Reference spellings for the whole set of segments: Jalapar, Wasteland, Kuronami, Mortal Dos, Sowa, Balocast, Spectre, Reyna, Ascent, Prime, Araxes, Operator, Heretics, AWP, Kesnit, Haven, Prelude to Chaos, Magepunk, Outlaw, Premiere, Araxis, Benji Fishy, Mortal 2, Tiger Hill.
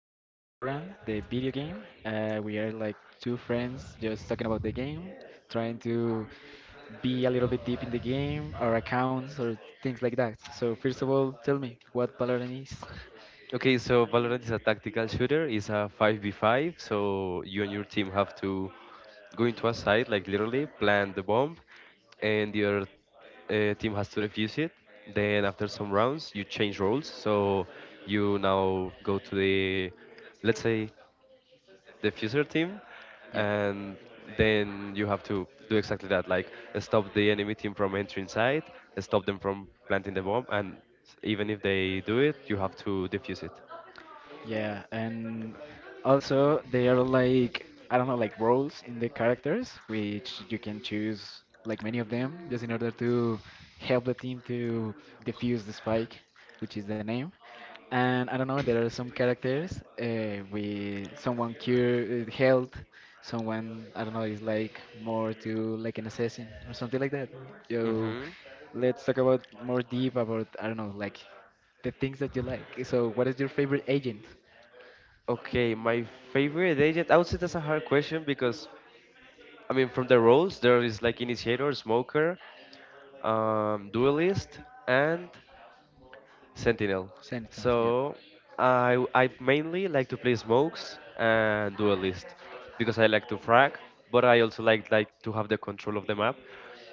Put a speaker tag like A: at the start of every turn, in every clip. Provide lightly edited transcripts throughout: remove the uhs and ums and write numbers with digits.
A: about the Valorant, the video game. We are like two friends just talking about the game, trying to be a little bit deep in the game, our accounts or things like that. So first of all, tell me what Valorant is.
B: Okay, so Valorant is a tactical shooter. It's a 5v5, so you and your team have to go into a site, like literally plant the bomb, and your team has to defuse it. Then after some rounds, you change roles. So you now go to the, let's say, diffuser team, and then you have to do exactly that, like stop the enemy team from entering site, stop them from planting the bomb, and even if they do it, you have to defuse it.
A: Yeah, and also there are like I don't know like roles in the characters which you can choose like many of them just in order to help the team to defuse the spike, which is the name. And I don't know, there are some characters with someone cure health, someone I don't know is like more to like an assassin or something like that. So
B: Hmm.
A: let's talk about more deep about I don't know like the things that you like. So what is your favorite agent?
B: Okay, my favorite agent. I would say that's a hard question because, I mean, from the roles there is like initiator, smoker, duelist, and Sentinel. So
A: Sentinels, yep.
B: I mainly like to play smokes and do because I like to frag, but I also like to have the control of the map.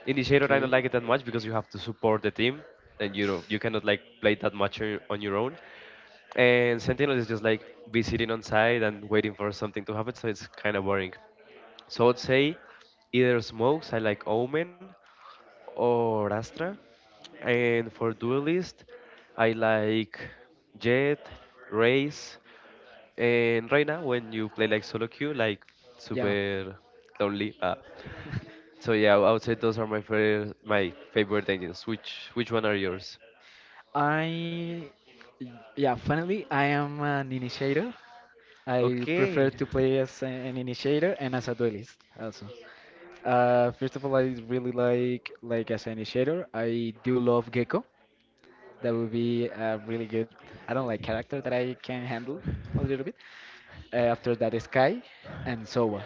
B: Initiator I don't
A: Okay.
B: like it that much because you have to support the team and you know you cannot like play that much on your own. And Sentinel is just like be sitting on side and waiting for something to happen, so it's kind of boring. So I'd say either smokes, I like Omen, or Astra. And for Duelist, I like Jet, Raze, and right now when you play like solo queue, like
A: Yeah.
B: super lonely. So yeah, I would say those are my favorite engines. Which one are yours?
A: I, yeah, finally, I am an initiator. I prefer
B: Okay,
A: to play as an initiator and as a duelist also. First of all, I really like as an initiator. I do love Gecko. That would be a really good. I don't like character that I can handle a little bit. After that, Sky and Sowa.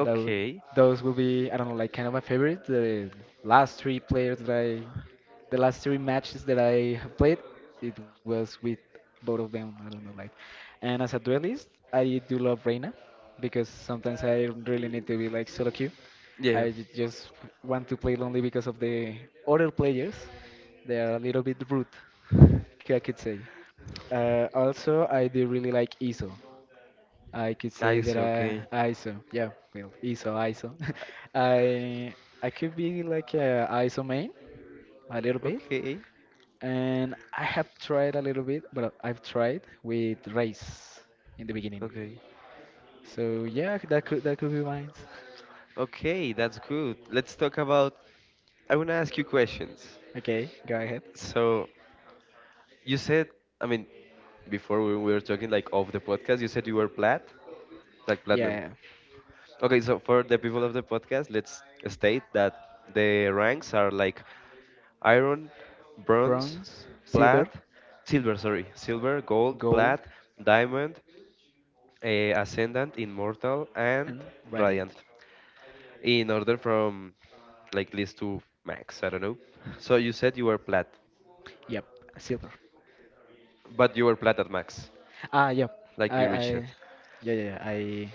A: Tho- Those will be, I don't know, like kind of my favorite. Last three players that I, the last three matches that I have played, it was with both of them. I don't know, like. And as a duelist, I do love Reyna because sometimes I really need to be like solo queue.
B: yeah,
A: I just want to play lonely because of the other players. They are a little bit rude, I could say. Also, I do really like Iso. I could say
B: ice.
A: that
B: Okay,
A: I ISO, yeah, well, ISO, ISO. I I could be like a ISO main a little bit,
B: okay,
A: and I have tried a little bit, but I've tried with race in the beginning.
B: okay,
A: So yeah, that could be mine.
B: okay. That's good. Let's talk about. I wanna ask you questions.
A: Okay, go ahead.
B: So you said, I mean, before we were talking like off the podcast, you said you were plat, like platinum.
A: Yeah,
B: Okay, so for the people of the podcast, let's state that the ranks are like iron, bronze,
A: bronze,
B: plat,
A: silver,
B: silver, sorry, silver, gold,
A: gold,
B: plat, diamond, ascendant, immortal, and
A: and
B: radiant.
A: radiant.
B: In order from like least to max, I don't know. So you said you were plat,
A: Yep, silver.
B: but you were plat at max,
A: Ah, yep.
B: like
A: I
B: you
A: I
B: reached it.
A: yeah, yeah, yeah. I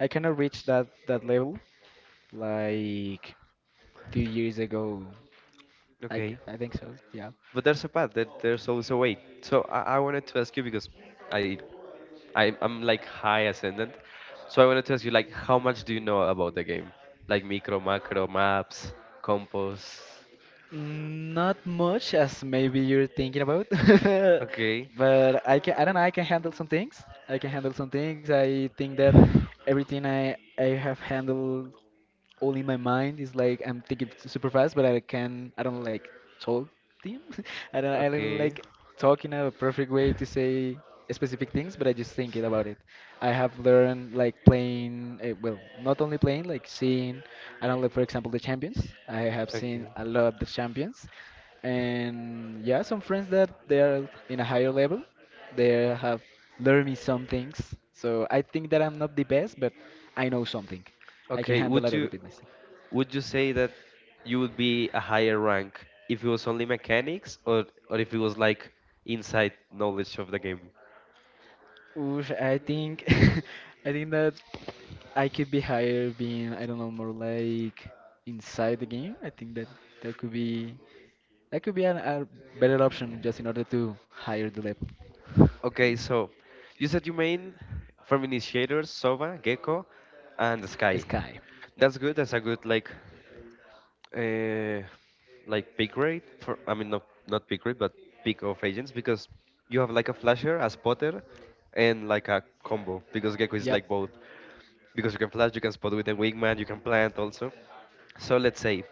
A: I kind of reached that level like 2 years ago.
B: Okay.
A: I think so. Yeah.
B: But there's a path. There's always a way. So I wanted to ask you because I, I'm like high ascendant. So I wanted to ask you like how much do you know about the game? Like micro, macro, maps, compos.
A: Not much as maybe you're thinking about,
B: Okay.
A: but I can I don't know I can handle some things. I can handle some things. I think that everything I have handled all in my mind is like I'm thinking super fast, but I can I don't like talk them. I don't
B: Okay.
A: like talk in a perfect way to say specific things, but I just think it about it. I have learned like playing well, not only playing like seeing. I don't like for example the champions. I have seen
B: Okay.
A: a lot the champions, and yeah, some friends that they are in a higher level, they have learned me some things. So I think that I'm not the best, but I know something. I can
B: Okay.
A: handle
B: Would
A: a little
B: you
A: bit myself.
B: say that you would be a higher rank if it was only mechanics or if it was like inside knowledge of the game?
A: Oof, I think I think that I could be higher being I don't know more like inside the game. I think that that could be that could be a better option just in order to higher the level. To
B: Okay,
A: get high.
B: so you said you main from initiators, Sova, Gecko, and Sky.
A: Sky.
B: That's good. That's a good uh, like pick rate. For I mean, not pick rate, but pick of agents because you have like a flasher, a spotter, and like a combo because Gecko is
A: Yep.
B: like both. Because you can flash, you can spot with a wingman, you can plant also. So let's say,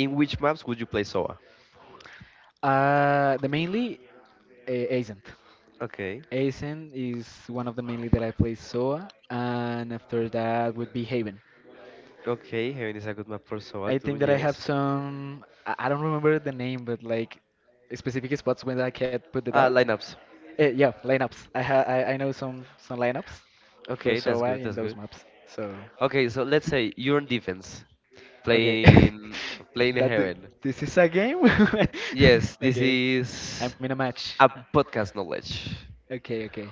B: in which maps would you play Sova?
A: The mainly Ascent.
B: Okay,
A: Aizen is one of the mainly that I play Soa, and after that would be Haven.
B: okay, Heaven is a good map for
A: I
B: Sova
A: think
B: too.
A: that I have
B: Yes.
A: some. I don't remember the name, but like specific spots when I can put the
B: Ah,
A: dart.
B: lineups.
A: Yeah, lineups. I know some lineups for
B: Okay, that's
A: Soa
B: good.
A: in
B: That's
A: those
B: good.
A: maps. So
B: Okay, so let's say you're on defense,
A: okay,
B: playing playing
A: that th-
B: heaven.
A: this is a game.
B: Yes, this
A: Okay, I'm in
B: is
A: a match.
B: a podcast knowledge.
A: Okay, okay.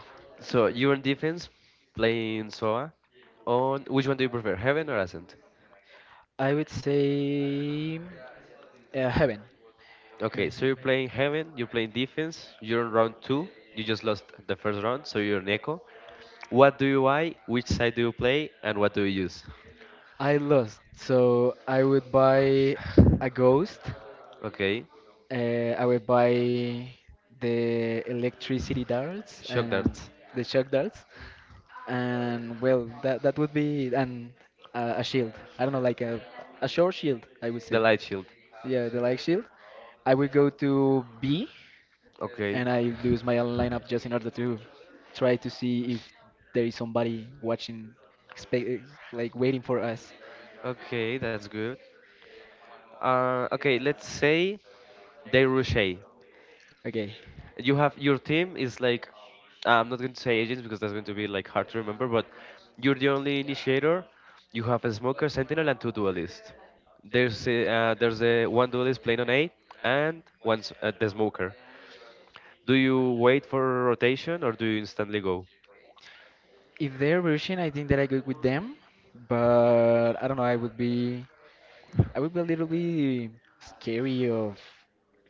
B: So you're on defense, playing Soa. On which one do you prefer, heaven or ascent?
A: I would say heaven.
B: Okay, so you're
A: Heaven.
B: playing heaven, you're playing defense, you're on round two. You just lost the first round, so you're an echo. What do you buy? Which side do you play? And what do you use?
A: I lost, so I would buy a ghost.
B: Okay,
A: Uh, I would buy the electricity darts
B: shock
A: and
B: darts,
A: the shock darts. And well, that would be an a shield. I don't know, like a short shield, I would say.
B: the light shield.
A: Yeah, the light shield. I would go to B, and
B: Okay,
A: I lose my lineup just in order to try to see if there is somebody watching, expect, like waiting for us.
B: okay, that's good. Okay, let's say they Rouge.
A: Okay.
B: You have your team is like I'm not going to say agents because that's going to be like hard to remember, but you're the only initiator. You have a smoker, sentinel, and two duelists. There's a one duelist playing on A and one the smoker. Do you wait for rotation or do you instantly go?
A: If they're Russian, I think that I go with them, but I don't know. I would be. I would be a little bit scary of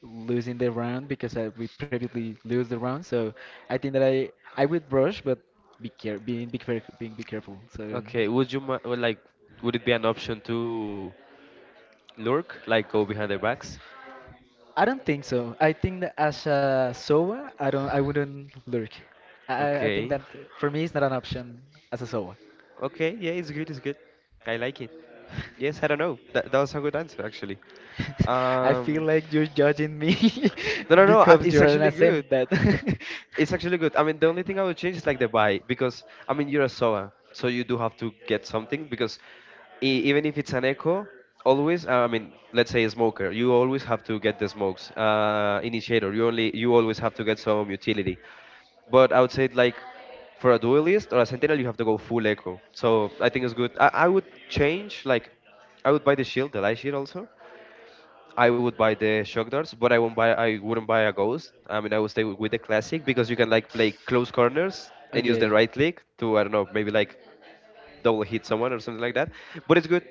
A: losing the round because I we previously lose the round. So I think that I would rush, but be care being be careful being be careful. So
B: Okay, would you would like would it be an option to lurk, like go behind their backs?
A: I don't think so. I think that as a SOA, I wouldn't lurk. I think
B: Okay,
A: that for me it's not an option as a SOA.
B: okay, yeah, it's good, it's good. I like it. Yes, I don't know. That was a good answer, actually.
A: I feel
B: Um,
A: like you're judging me
B: no, no, no. uh,
A: because
B: It's
A: you're an
B: actually good.
A: ascendant.
B: It's actually good. I mean, the only thing I would change is like the buy because I mean you're a SOA, so you do have to get something because even if it's an echo, always I mean, let's say a smoker, you always have to get the smokes. Initiator, you always have to get some utility. But I would say like for a duelist or a sentinel, you have to go full echo. So I think it's good. I would change like I would buy the shield, the light shield also. I would buy the shock darts, but I won't buy. I wouldn't buy a ghost. I mean, I would stay with the classic because you can like play close corners and use the right click to I don't know, maybe like double hit someone or something like that. But it's good.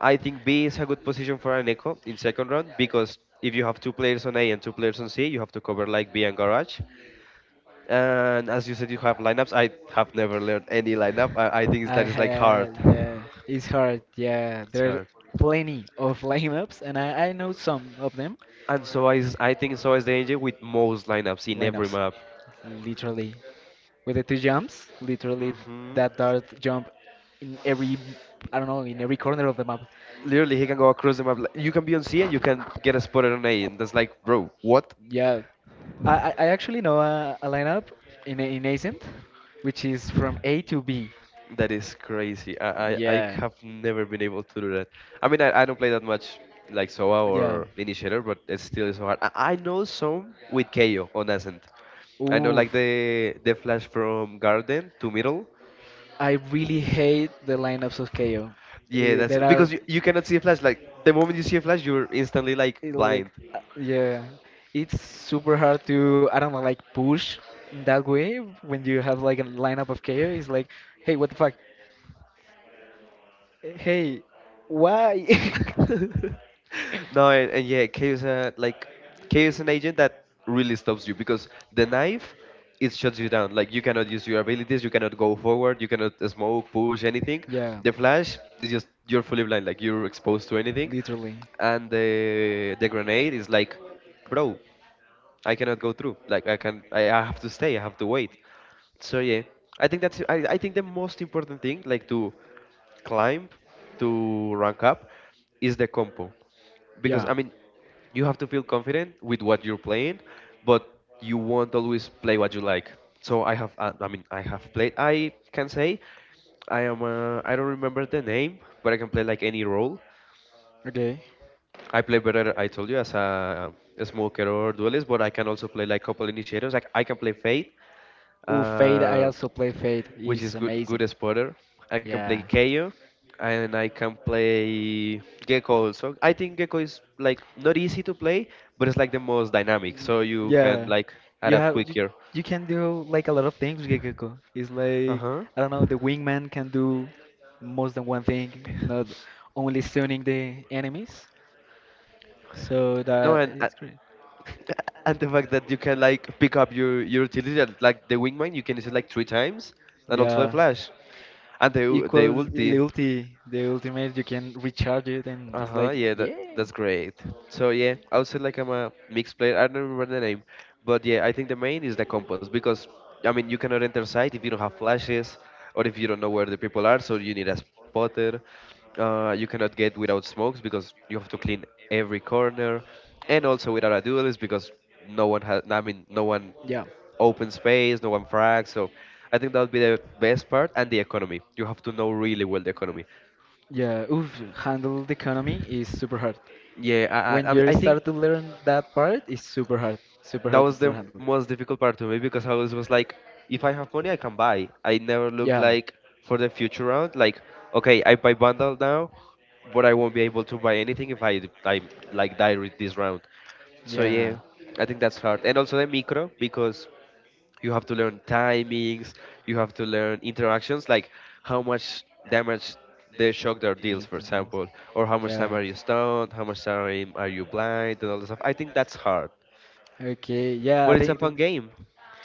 B: I think B is a good position for an echo in second round because if you have two players on A and two players on C, you have to cover like B and garage. And as you said, you have lineups. I have never learned any lineup. I think that is like hard.
A: Had, yeah, it's hard, yeah.
B: It's
A: There's
B: hard.
A: plenty of lineups, and I know some of them.
B: And so I think so is the engine with most lineups in every
A: Lineups,
B: map.
A: literally. With the two jumps, literally
B: Hmm.
A: that dart jump in every, I don't know, in every corner of the map.
B: Literally, he can go across the map. Like, you can be on C and you can get a spotted on A, and that's like, bro, what?
A: Yeah, I actually know a lineup in Ascent, which is from A to B.
B: That is crazy. I
A: Yeah,
B: have never been able to do that. I mean, I don't play that much like Sova
A: yeah.
B: or Initiator, but it still is so hard. I know some with KO on Ascent. I know
A: Oof,
B: like the flash from garden to middle.
A: I really hate the lineups of KO.
B: Yeah, that's
A: There are
B: because you cannot see a flash. Like the moment you see a flash, you're instantly like
A: it like
B: blind.
A: yeah, it's super hard to I don't know like push in that way when you have like a lineup of KO. It's like, hey, what the fuck? Hey, why?
B: No, and yeah, K is a like K is an agent that really stops you because the knife it shuts you down. Like you cannot use your abilities, you cannot go forward, you cannot smoke, push, anything.
A: Yeah.
B: The flash is just you're fully blind, like you're exposed to anything.
A: Literally.
B: And the grenade is like, bro, I cannot go through. Like I can, I have to stay. I have to wait. So yeah, I think that's I think the most important thing, like to climb, to rank up, is the compo. Because
A: Yeah.
B: I mean, you have to feel confident with what you're playing, but you won't always play what you like. So I have, I mean, I have played. I can say I am. I don't remember the name, but I can play like any role.
A: Okay.
B: I play better, I told you, as a smoker or duelist, but I can also play like couple initiators. Like I can play Fate,
A: Oh, Fate, I
B: uh,
A: also play Fate.
B: which
A: It's
B: is good
A: amazing.
B: good spotter. I can play
A: Yeah.
B: Kayo, and I can play Gecko also. I think Gecko is like not easy to play, but it's like the most dynamic,
A: Mm,
B: so you can
A: Yeah.
B: like
A: You
B: adapt
A: have you,
B: quicker.
A: you can do like a lot of things with Gekko. It's like
B: Uh-huh.
A: I don't know, the wingman can do more than one thing, not only stunning the enemies. So
B: No,
A: that it's great.
B: and the fact that you can like pick up your utility and, like the wingman you can use it like three times and also the
A: Yeah.
B: flash. And the
A: Equals the
B: ulti.
A: ulti, the ultimate, you can recharge it and it's
B: Uh-huh,
A: like,
B: yeah, that
A: yeah.
B: that's great. So yeah, I would say like I'm a mixed player. I don't remember the name. But yeah, I think the main is the compass because I mean you cannot enter site if you don't have flashes or if you don't know where the people are, so you need a spotter. You cannot get without smokes because you have to clean every corner, and also without a duelist because no one has. I mean, no one
A: Yeah.
B: open space, no one frags. So I think that would be the best part and the economy. You have to know really well the economy.
A: Yeah, oof, handle the economy is super hard.
B: Yeah,
A: When
B: I mean,
A: you
B: I
A: start
B: think
A: to learn that part, it's super
B: that
A: hard to
B: was
A: start
B: the
A: handle.
B: most difficult part to me because I always was like, if I have money, I can buy. I never looked
A: Yeah.
B: like for the future round, like, okay, I buy bundle now, but I won't be able to buy anything if I like die with this round. So
A: Yeah.
B: yeah, I think that's hard. And also the micro because you have to learn timings you have to learn interactions like how much damage the shock dart
A: Ninja
B: deals for
A: Turtles.
B: example or how much time
A: Yeah.
B: are you stunned how much time are you blind and all that stuff I think that's hard
A: Okay. Yeah, I
B: but it's a
A: think that's.
B: fun game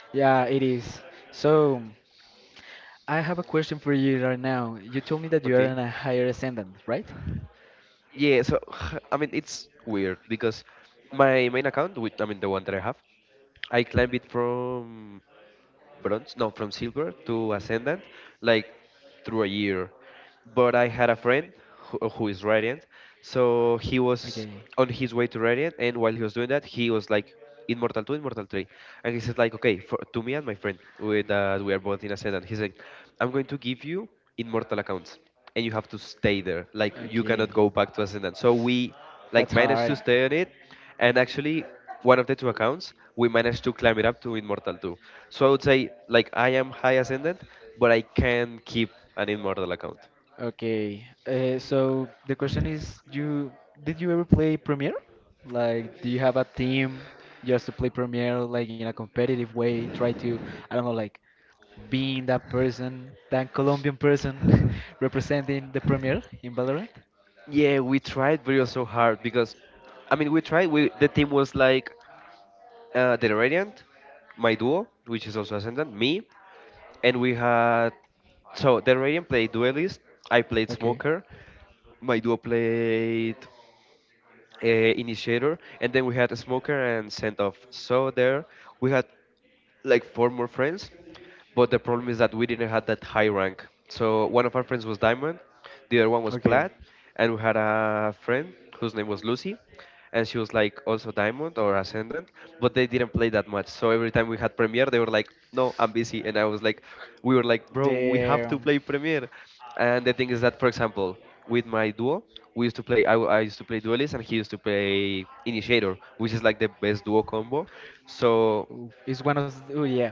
A: Yeah, it is. So. I have a question for you right now. You told me that you are in
B: okay
A: a higher ascendant, right?
B: yeah so I mean it's weird because my main account with I mean the one that I have I climb it from bronze, no, from silver to ascendant, like through a year. But I had a friend who is radiant, so he
A: Okay.
B: was on his way to radiant, and while he was doing that, he was like Immortal 2, Immortal 3, and he said like, okay, for to me and my friend, with that we are both in ascendant, he's like, I'm going to give you immortal accounts, and you have to stay there, like you
A: Okay.
B: cannot go back to ascendant. So we
A: That's
B: like
A: hard.
B: managed to stay on it and actually one of the two accounts we managed to climb it up to immortal 2, so I would say like I am high ascendant, but I can keep an immortal account.
A: Okay. So the question is, you did you ever play Premiere? Like, do you have a team? Just to play Premiere like in a competitive way, try to, I don't know, like being that person, that Colombian person representing the Premier in Valorant?
B: Yeah, we tried, but it was so hard because I mean we tried we the team was like the radiant, my duo which is also ascendant, me, and we had. So the radiant played duelist, I played smoker, my duo played initiator, and then we had a smoker and send off. So there we had like four more friends, but the problem is that we didn't have that high rank. So one of our friends was diamond, the other one was
A: Okay.
B: plat, and we had a friend whose name was Lucy, and she was like also diamond or ascendant, but they didn't play that much. So every time we had premiere, they were like, "No, I'm busy," and I was like, "We were like, bro, we have
A: The
B: to play premiere." And the thing is that, for example, with my duo, we used to play. I used to play duelist, and he used to play initiator, which is like the best duo combo. So
A: ooh, it's one of oh yeah,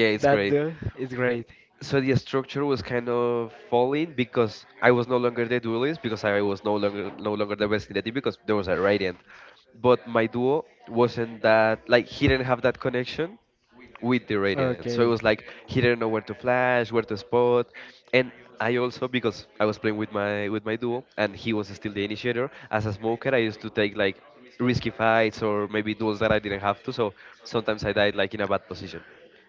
B: yeah, it's
A: that
B: great.
A: door is great.
B: So the structure was kind of falling because I was no longer the duelist because I was no longer the best in the team because there was a radiant. But my duo wasn't that, like he didn't have that connection with the radiant. So it was like
A: Okay.
B: he didn't know where to flash, where to spot. And I also, because I was playing with my duo and he was still the initiator, as a smoker I used to take like risky fights or maybe duels that I didn't have to, so sometimes I died like in a bad position.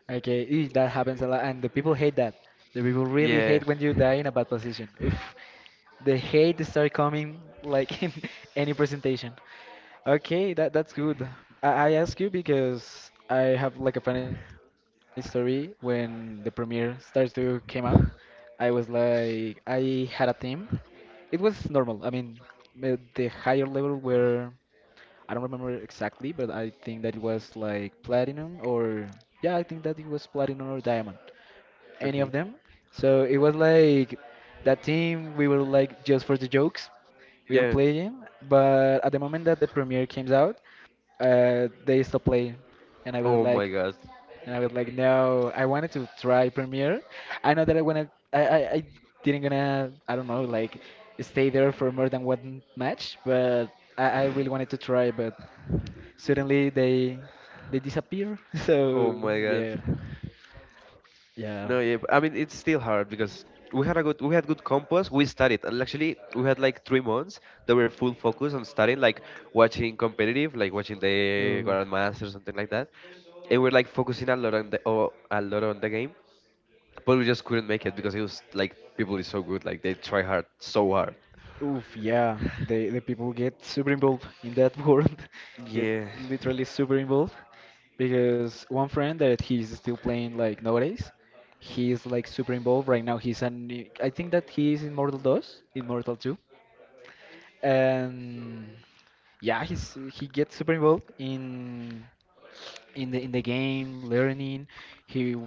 A: Okay, ee, that happens a lot, and the people hate that. The people really
B: Yeah.
A: hate when you die in a bad position. Oof, the hate start coming like in any presentation. Okay, that's good. I ask you because I have like a funny story when the premiere starts to came out. I was like, I had a team. It was normal. I mean, the higher level were. I don't remember exactly, but I think that it was like platinum or yeah, I think that it was platinum or diamond, any of
B: Okay.
A: them. So it was like that team we were like just for the jokes, we'll
B: Yeah.
A: play them. But at the moment that the premiere came out, they stopped playing, and I was
B: Oh my
A: like,
B: God.
A: no, I wanted to try Premiere. I know that I wanna, I didn't gonna, I don't know, like stay there for more than one match, but I really wanted to try, but suddenly they disappear.
B: Oh
A: So
B: my
A: yeah.
B: God.
A: Yeah.
B: No, yeah. But I mean, it's still hard because we had good compass. We studied. And actually, we had like 3 months that were full focus on studying, like watching competitive, like watching the
A: Ooh.
B: Grandmaster or something like that. And we're like focusing a lot on the game, but we just couldn't make it because it was like people is so good, like they try hard, so hard.
A: Oof, yeah. The people get super involved in that world, get
B: Yeah.
A: literally super involved because one friend that he's still playing like nowadays. He is like super involved right now. He's an I think that he is in Mortal Dos, in Mortal 2. And yeah, he gets super involved in in the game, learning. He w-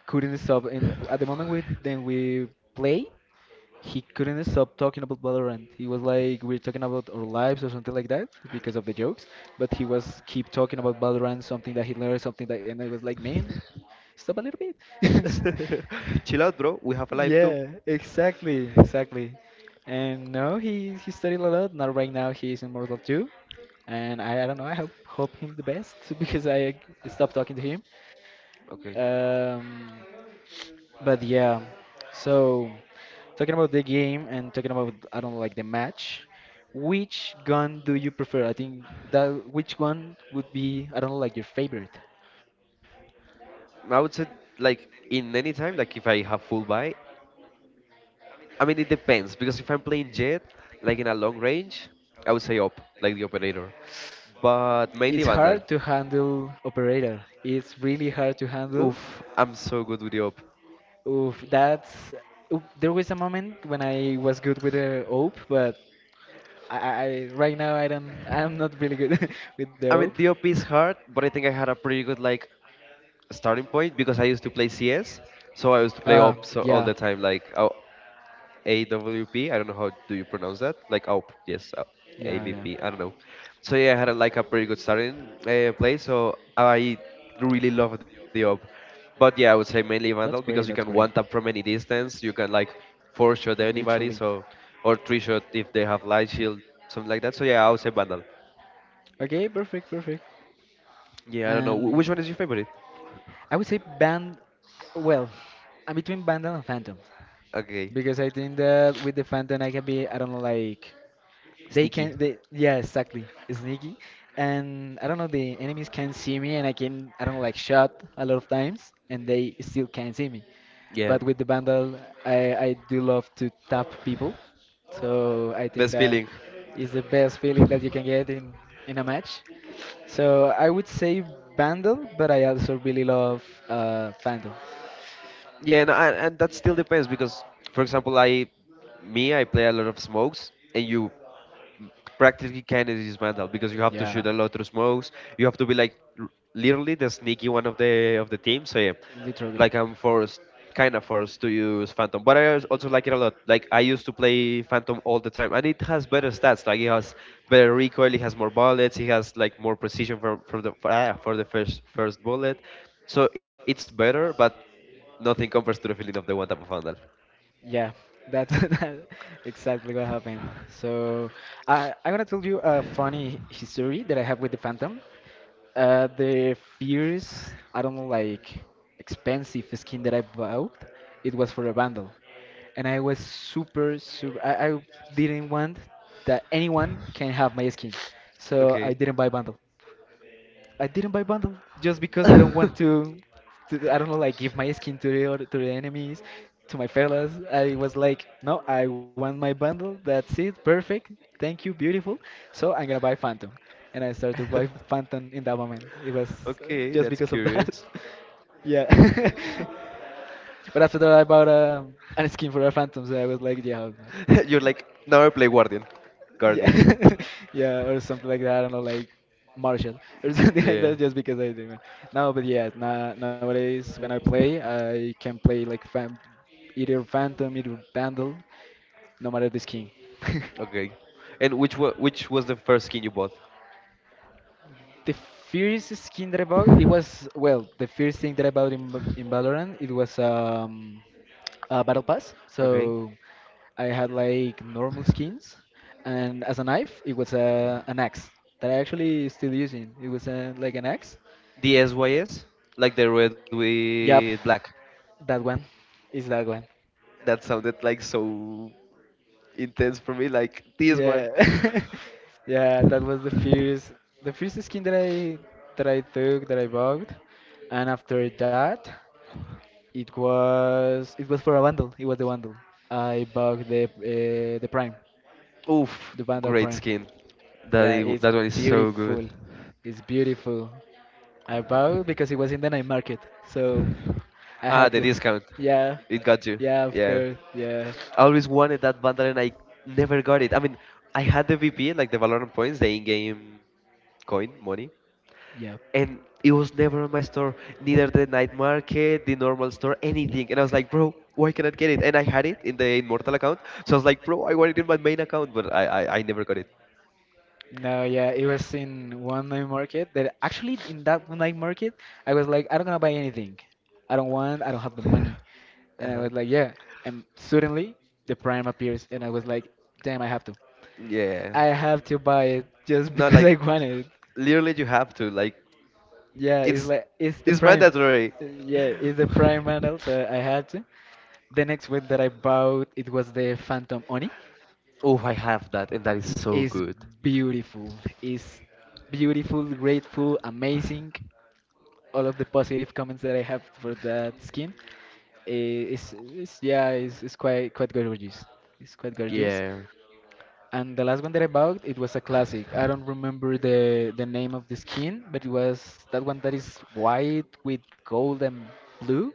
A: couldn't stop and at the moment we then we play he couldn't stop talking about Valorant. He was like, we're talking about our lives or something like that because of the jokes, but he was keep talking about Valorant, something that he learned, something that, and I was like, man, stop a little bit.
B: Chill out, bro. We have a life
A: Yeah,
B: too.
A: exactly, exactly. And no, he studied a lot. Now right now he is in Mortal 2, and I don't know. I hope him the best because I stopped talking to him.
B: Okay.
A: Um, but yeah, so talking about the game and talking about I don't know, like the match, which gun do you prefer? I think that which one would be I don't know like your favorite.
B: I would say like in any time, like if I have full buy. I mean, it depends because if I'm playing Jet, like in a long range, I would say up, like the operator, but mainly
A: It's
B: Vandal.
A: hard to handle operator. It's really hard to handle.
B: Oof, I'm so good with the op.
A: Oof, that's oop, there was a moment when I was good with the op, but right now I don't I'm not really good with the
B: I
A: hope.
B: mean, the op is hard, but I think I had a pretty good like starting point because I used to play CS, so I used to
A: Uh,
B: play op so
A: yeah.
B: all the time. Like AWP. I don't know how do you pronounce that. Like AWP, yes,
A: Yeah, yeah.
B: AVP. I don't know. So yeah, I had like a pretty good starting play. So I really love the op. But yeah, I would say mainly
A: That's
B: Vandal
A: great,
B: because you
A: that's
B: can
A: great.
B: one tap from any distance. You can like four shot
A: Literally.
B: anybody. So or three shot if they have light shield, something like that. So yeah, I would say Vandal.
A: Okay, perfect, perfect.
B: Yeah, I don't know.
A: And
B: Which one is your favorite?
A: I would say band, well, I'm between band and phantom.
B: Okay,
A: Because I think that with the phantom I can be, I don't know, like they
B: sneaky.
A: can they, yeah, exactly. Sneaky. And I don't know, the enemies can see me and I can, I don't know, like shot a lot of times and they still can't see me.
B: Yeah,
A: But with the bundle I do love to tap people. So I think
B: best
A: that
B: feeling.
A: is the best feeling that you can get in a match. So I would say bundle, but I also really love Phantom.
B: Yeah, no, and that still depends because, for example, I play a lot of smokes, and you practically can't dismantle because you have to
A: Yeah.
B: shoot a lot of smokes. You have to be like literally the sneaky one of the team. So yeah, like I'm forced, kind of forced to use Phantom, but I also like it a lot. Like I used to play Phantom all the time, and it has better stats. Like it has better recoil, it has more bullets, it has like more precision for the first bullet. So it's better, but nothing compares to the feeling of the one tap of handle.
A: Yeah, that's that exactly what happened. So I'm gonna tell you a funny history that I have with the Phantom. The fierce, I don't know, like expensive skin that I bought, it was for a bundle, and I was super super. I didn't want that anyone can have my skin, so I
B: Okay.
A: didn't buy bundle. I didn't buy bundle just because I don't want to, I don't know, like give my skin to the other, to the enemies, to my fellas. I was like, no, I want my bundle. That's it. Perfect. Thank you. Beautiful. So I'm gonna buy Phantom, and I started to buy Phantom in that moment. It was
B: Okay,
A: just
B: that's
A: because of that.
B: curious.
A: Yeah. But after that, I bought a skin for a phantom, so I was like, yeah, man.
B: You're like now I play Guardian. Guardian.
A: Yeah, yeah, or something like that. I don't know, like Marshall or something like
B: Yeah.
A: that, just because I do. It. No, but yeah, na nowadays when I play, I can play like either Phantom, either Vandal, no matter the skin.
B: Okay. And which was the first skin you bought?
A: The first skin that I bought, it was, well, the first thing that I bought in Valorant, it was a battle pass. So
B: Okay.
A: I had like normal skins, and as a knife, it was a an axe that I actually still using. It was a, like an axe.
B: The SYS? Like the red with
A: Yep,
B: black.
A: that one is that one.
B: That sounded like so intense for me, like this one.
A: Yeah. Yeah, that was the first, the first skin that I, that I took that I bought. And after that, it was, it was for a bundle. It was the bundle. I bought the Prime,
B: Oof,
A: the bundle
B: great
A: Prime.
B: skin. That
A: Yeah,
B: is,
A: it's
B: that one is so good.
A: beautiful. It's beautiful. I bought because it was in the night market, so I
B: Ah, the
A: had to.
B: discount.
A: Yeah,
B: It got you.
A: yeah, of
B: Yeah.
A: course, yeah,
B: I always wanted that bundle and I never got it. I mean, I had the VP, like the Valorant points, the in-game coin, money,
A: yeah.
B: and it was never on my store, neither the night market, the normal store, anything. And I was like, bro, why cannot get it? And I had it in the Immortal account, so I was like, bro, I want it in my main account, but I never got it.
A: No, yeah, it was in one night market that, actually, in that one night market I was like, I don't gonna buy anything. I don't want, I don't have the money. And I
B: Uh-huh.
A: was like, yeah. And suddenly the Prime appears and I was like, damn, I have to.
B: Yeah.
A: I have to buy it just
B: No,
A: because I
B: like,
A: want it.
B: literally, you have to like,
A: Yeah, it's
B: it's
A: like it's the
B: it's
A: Prime.
B: mandatory.
A: Yeah, it's the Prime bundle, so I had to. The next one that I bought it was the Phantom Oni.
B: Oh, I have that, and that is so
A: It's
B: good.
A: beautiful. It's beautiful, grateful, amazing. All of the positive comments that I have for that skin. It's, yeah, it's quite quite gorgeous. It's quite gorgeous.
B: Yeah.
A: And the last one that I bought, it was a classic. I don't remember the name of the skin, but it was that one that is white with gold and blue.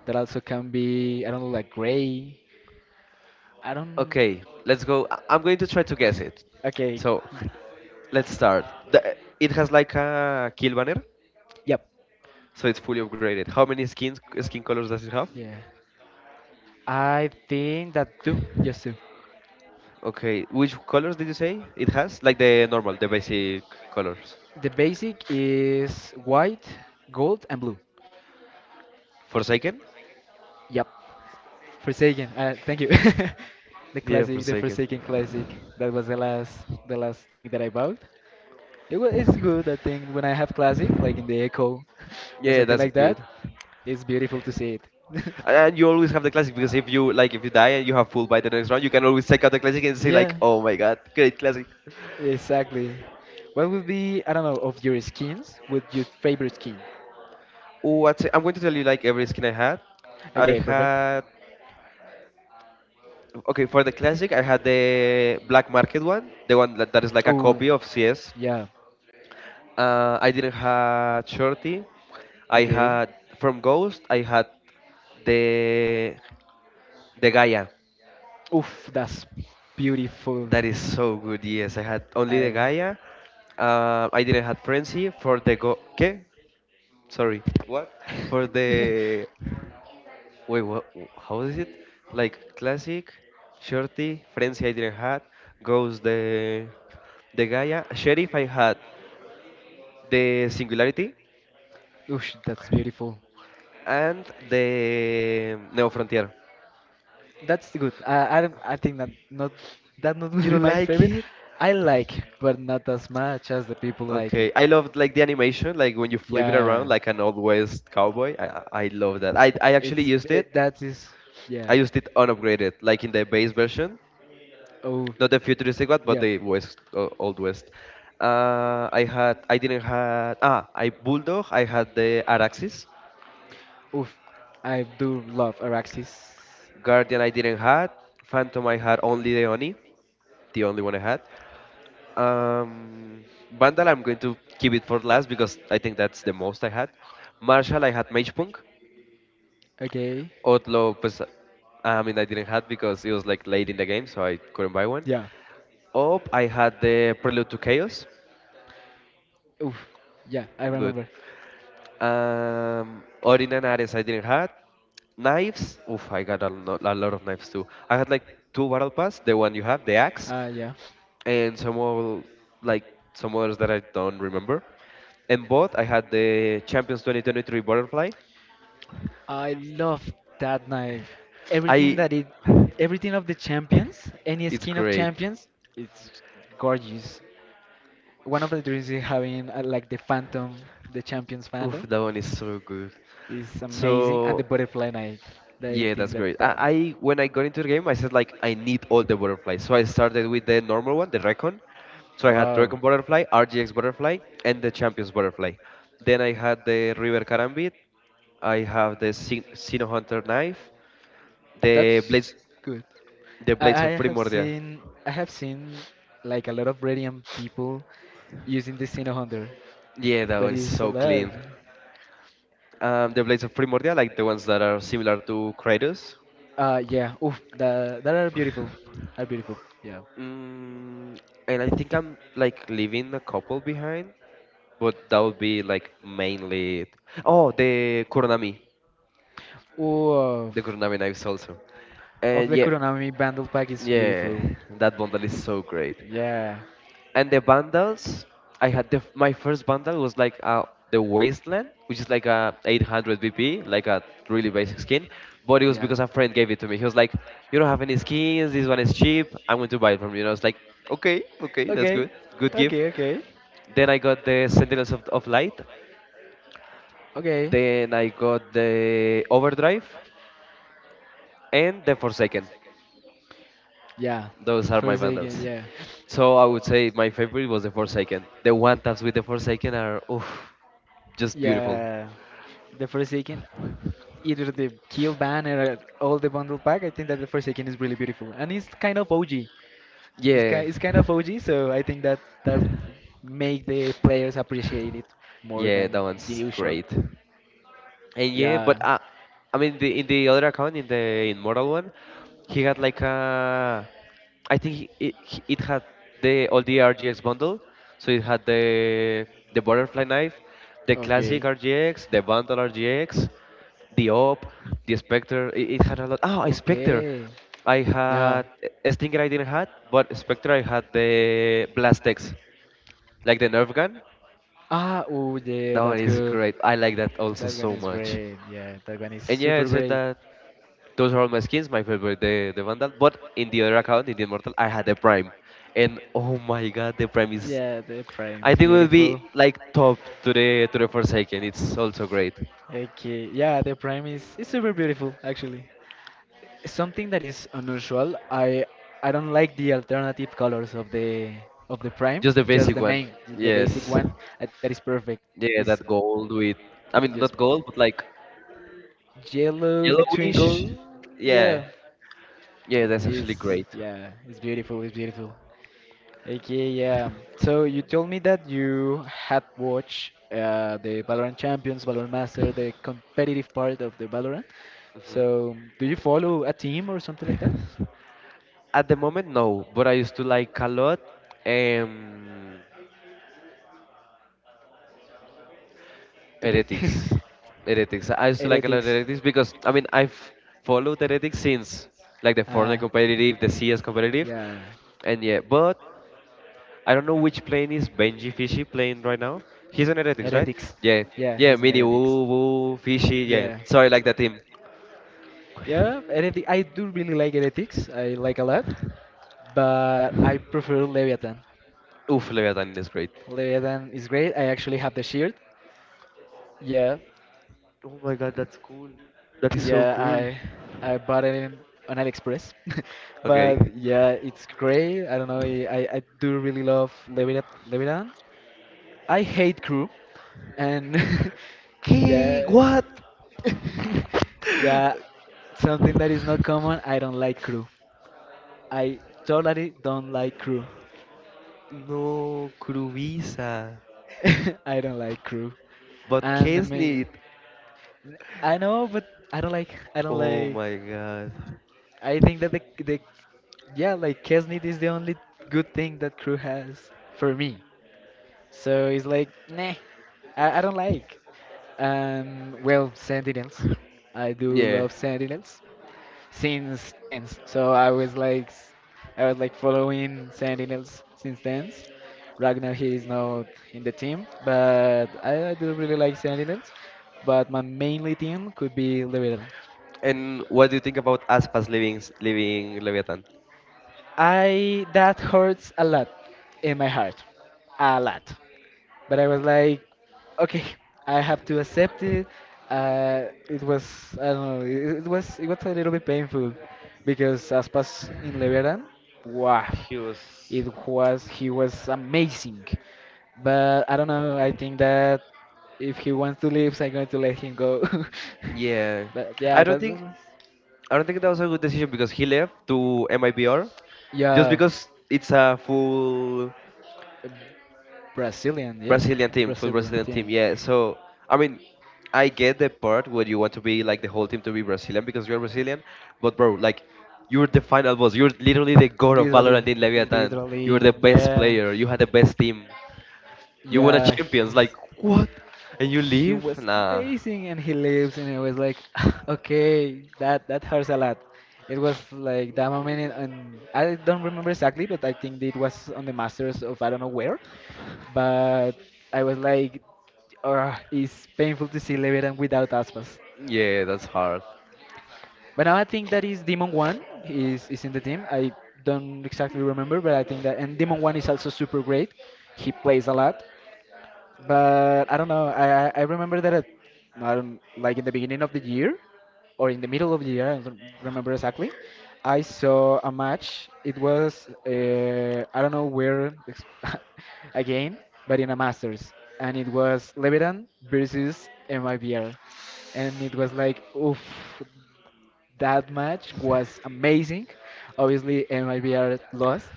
A: That also can be, I don't know, like gray. I don't.
B: Okay, let's go. I'm going to try to guess it.
A: Okay.
B: So, let's start. It has like a kill banner,
A: Yep.
B: so it's fully upgraded. How many skin
A: Yeah.
B: colors does it have?
A: I think that two, just two.
B: Okay, which colors did you say it has? Like the normal, the basic
A: The
B: colors.
A: basic is white, gold, and blue.
B: Forsaken?
A: Yep. Forsaken. Thank you. The
B: Yeah,
A: classic, the
B: Forsaken.
A: Forsaken classic. That was the last thing that I bought. It was, it's good. I think when I have classic, like in the Echo or
B: Yeah,
A: something
B: that's
A: like
B: good.
A: that, it's beautiful to see it.
B: And you always have the classic because if you like if you die and you have full by the next round, you can always take out the classic and say like,
A: Yeah.
B: "Oh my God, great classic."
A: Exactly. What would be, I don't know, of your skins? Would your favorite skin?
B: Ooh, I'm going to tell you like every skin I had. I
A: Okay, perfect.
B: had okay for the classic. I had the black market one, the one that is like a
A: Oh,
B: copy of CS.
A: yeah.
B: I didn't have shorty. I
A: Okay.
B: had from Ghost. I had the the Gaia.
A: Oof, that's beautiful.
B: That is so good. Yes, I had only the
A: I,
B: Gaia. I didn't have frenzy for the go. Okay, sorry. What? For the Wait, what? How is it? Like classic, shorty, frenzy I didn't had, goes the Gaia, sheriff I had, the singularity,
A: oof, that's beautiful.
B: and the Neo Frontier.
A: That's good. Don't- I think that not
B: You
A: will be
B: don't
A: my
B: like
A: favorite.
B: it?
A: I like, but not as much as the people like it.
B: Okay, I loved like the animation, like when you flip it
A: Yeah.
B: around like an old west cowboy. I love that. I actually
A: It's b-
B: used it.
A: it, that is, yeah.
B: I used it unupgraded, like in the base version.
A: Oh
B: Not the futuristic one, but
A: yeah.
B: the west, old west. I didn't had. Ah, I bulldog. I had the Araxes.
A: Oof. I do love Araxis.
B: Guardian, I didn't had. Phantom, I had only the Oni, the only one I had. Um, Vandal, I'm going to keep it for last because I think that's the most I had. Marshall, I had Magepunk.
A: Okay.
B: Outlaw, pues, I mean, I didn't had because it was like late in the game, so I couldn't buy one.
A: Yeah.
B: Op, I had the Prelude to Chaos.
A: Oof. Yeah, I
B: Good.
A: remember.
B: Ordinaries I didn't had. Knives, oof, I got a lot of knives too. I had like two battle pass, the one you have, the axe,
A: Ah, yeah.
B: and some more like some others that I don't remember. And both I had the Champions 2023 butterfly.
A: I love that knife. Everything
B: I,
A: that it, everything of the champions, any
B: it's
A: skin of
B: great.
A: champions, it's gorgeous. One of the dreams is having like the phantom, the champions
B: Oof,
A: phantom
B: that one is so good.
A: is amazing, and the
B: So
A: butterfly knife. I
B: yeah,
A: think
B: that's
A: that
B: great.
A: that.
B: I when I got into the game, I said like I need all the butterflies. So I started with the normal one, the Recon. So I had
A: Wow.
B: Recon butterfly, RGX butterfly, and the Champions butterfly. Then I had the River Karambit. I have the Sino Hunter knife, the
A: That's
B: blades,
A: good.
B: the
A: I,
B: blades
A: I
B: of
A: have
B: Primordia.
A: seen, I have seen like a lot of radiant people using the Sino Hunter,
B: Yeah, that
A: but
B: one is
A: it's a
B: so
A: lot.
B: clean. The blades of Primordia, like the ones that are similar to Kratos.
A: Yeah, oof, that that are beautiful, are beautiful. Yeah.
B: Mm, and I think I'm like leaving a couple behind, but that would be like mainly. Oh,
A: Of
B: the Kuronami knives also,
A: of
B: and
A: the
B: yeah,
A: Kuronami bundle pack is
B: yeah,
A: beautiful.
B: that bundle is so great.
A: Yeah.
B: And the bundles, I had my first bundle was like the Wasteland, which is like a 800 VP, like a really basic skin. But it was
A: Yeah.
B: because a friend gave it to me. He was like, "You don't have any skins. This one is cheap. I'm going to buy it from you." And I was like, "Okay, okay,
A: Okay.
B: that's good. Good
A: Okay,
B: gift."
A: okay.
B: Then I got the Sentinels of Light.
A: Okay.
B: Then I got the Overdrive and the Forsaken.
A: Yeah.
B: Those are my
A: Forsaken,
B: bundles.
A: yeah.
B: So I would say my favorite was the Forsaken. The one taps with the Forsaken are oof, just beautiful.
A: Yeah. The Forsaken, either the kill banner or all the bundle pack. I think that the Forsaken is really beautiful, and it's kind of OG. It's
B: Yeah,
A: kind it's kind of OG, so I think that that make the players appreciate it more
B: yeah, that
A: than the
B: one's
A: usual.
B: great. And yeah,
A: Yeah.
B: but I mean, in the other account, in the Immortal one, he had like a. I think it had the all the RGX bundle. So it had the butterfly knife, the classic
A: Okay.
B: RGX, the bundle RGX, the op, the Spectre. It had a lot. Oh, a Spectre.
A: Okay.
B: I
A: Yeah.
B: had a Stinger I didn't had, but Spectre I had the Blastex, like the Nerf gun.
A: Ah, oh yeah,
B: That one
A: that's
B: is
A: good.
B: great. I like that also
A: That one
B: so
A: is
B: much.
A: great. Yeah, that one is
B: And yeah, I
A: super
B: said
A: great.
B: that those are all my skins. My favorite, the Vandal. But in the other account, in the Immortal, I had the Prime, and oh my God, the Prime is.
A: Yeah, the frame
B: I
A: is
B: think it will
A: beautiful.
B: be like top to the Forsaken. It's also great.
A: Okay, yeah, the prime is, it's super beautiful actually. Something that is unusual, I don't like the alternative colors of the prime,
B: Just the
A: just
B: basic
A: the
B: one.
A: main, the basic
B: Yes.
A: one. I think that is perfect.
B: Yeah,
A: It's
B: that gold with. I mean, not
A: just
B: gold, but like
A: yellow between
B: yellowish.
A: gold.
B: Yeah.
A: Yeah.
B: Yeah, that's actually
A: It's,
B: great.
A: yeah, it's beautiful, it's beautiful. Okay, yeah. So you told me that you had watched the Valorant Champions, Valorant Master, the competitive part of the Valorant.
B: Hmm.
A: So do you follow a team or something like that?
B: At the moment, no, but I used to like a lot. Um.
A: Okay.
B: Heretics. Heretics. I used to like a lot of
A: Heretics.
B: Heretics because I mean I've followed Heretics since like the
A: Uh,
B: Fortnite competitive, the CS competitive,
A: yeah.
B: and yeah. But I don't know which plane is Benji Fishy playing right now. He's on Heretics, right?
A: Heretics.
B: Yeah,
A: Yeah,
B: yeah.
A: he's in
B: Mini
A: Heretics.
B: Woo Woo Fishy. Yeah.
A: Yeah.
B: So I like that team.
A: Yeah, Heretic. I do really like Heretics. I like a lot. But I prefer Leviathan.
B: Oof, Leviathan is great.
A: Leviathan is great. I actually have the shirt. Yeah,
B: Oh my God, that's cool. That is so
A: yeah.
B: cool.
A: I bought it in, on AliExpress,
B: Okay.
A: but yeah, it's great. I don't know. I do really love Leviathan. Leviathan. I hate crew, and
B: K
A: yeah,
B: what?
A: yeah. Something that is not common. I don't like crew. I totally don't like crew.
B: No, Kruvisa.
A: I don't like crew.
B: But
A: And the main,
B: Kesnit.
A: I know, but I don't like. I don't
B: Oh
A: like.
B: my God.
A: I think that the yeah, like Kesnit is the only good thing that crew has for me. So it's like, nah, I don't like. Well, Sentinels. I do
B: Yeah.
A: love Sentinels since tenth. So I was like, I was like following Sentinels since tenth. Right now he is not in the team, but I do really like Sentinels. But my mainly team could be Liberal.
B: And what do you think about Aspas leaving Leviathan?
A: I that hurts a lot in my heart, a lot. But I was like, okay, I have to accept it. It was, I don't know. It was, it was a little bit painful because Aspas in Leveran, wow,
B: He was.
A: it was, he was amazing. But I don't know. I think that if he wants to leave, I'm going to let him go.
B: Yeah.
A: But
B: I
A: yeah,
B: don't
A: that
B: think
A: was,
B: I don't think that was a good decision because he left to MIBR just
A: yeah.
B: because it's a full
A: A Brazilian, yeah?
B: Brazilian team, full
A: Brazilian
B: Brazilian team.
A: team.
B: Yeah. So, I mean, I get the part where you want to be like the whole team to be Brazilian because you're Brazilian, but bro, like you're the final boss. You're literally the god of
A: Literally,
B: Valorant in Leviathan. You're the
A: literally,
B: best
A: yeah.
B: player. You had the best team. You won a
A: Yeah, he
B: champions,
A: was,
B: like what? And you
A: he
B: leave?
A: was
B: Nah.
A: amazing and he leaves and it was like okay, that that hurts a lot. It was like that moment and I don't remember exactly, but I think it was on the Masters of, I don't know where, but I was like, oh, it's painful to see Leviathan without Aspas.
B: Yeah, that's hard.
A: But now I think that is Demon One is in the team. I don't exactly remember, but I think that, and Demon One is also super great. He plays a lot. But I don't know. I remember that it, I don't like, in the beginning of the year or in the middle of the year. I don't remember exactly. I saw a match. It was I don't know where again, but in a Masters, and it was Levitan versus MIBR, and it was like oof. That match was amazing. Obviously, MIBR lost,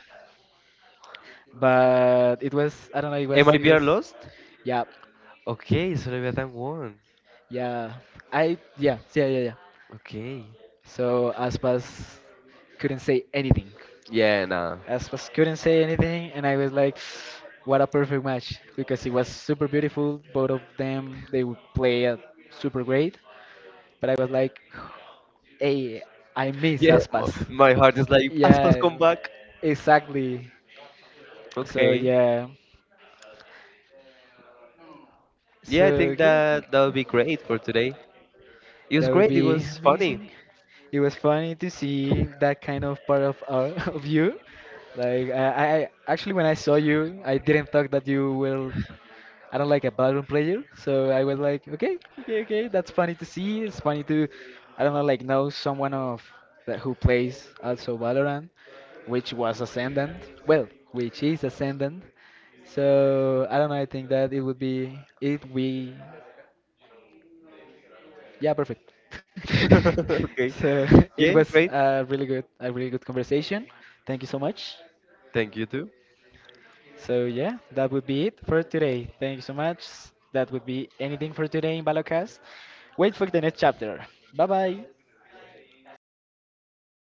A: but it was, I don't know. It was, it
B: MIBR
A: was
B: lost?
A: yeah.
B: Okay, Soleviathan won.
A: Yeah, I yeah yeah yeah yeah.
B: Okay.
A: So Aspas couldn't say anything.
B: Yeah, nah.
A: Aspas couldn't say anything, and I was like, what a perfect match because it was super beautiful. Both of them they would play super great, but I was like, hey, I miss
B: Yeah,
A: Aspas.
B: my heart is like, Aspas,
A: Yeah,
B: come back.
A: exactly. So
B: Okay.
A: yeah,
B: Yeah, I think
A: so yeah, I
B: that
A: think.
B: that would be great for today. It was
A: That would
B: great, it
A: be
B: was funny.
A: amazing. It was funny to see that kind of part of our, of you. Like actually when I saw you, I didn't thought that you will. I don't like a ballroom player, so I was like, okay, okay, okay, that's funny to see. It's funny to, I don't know, like know someone of that who plays also Valorant, which was Ascendant. Well, which is Ascendant. So I don't know. I think that it would be it we yeah, perfect.
B: Okay.
A: So
B: Yeah,
A: it
B: great.
A: was a really good conversation. Thank you so much.
B: Thank you too.
A: So yeah, that would be it for today. Thank you so much. That would be anything for today in Balocast. Wait for the next chapter. Bye bye.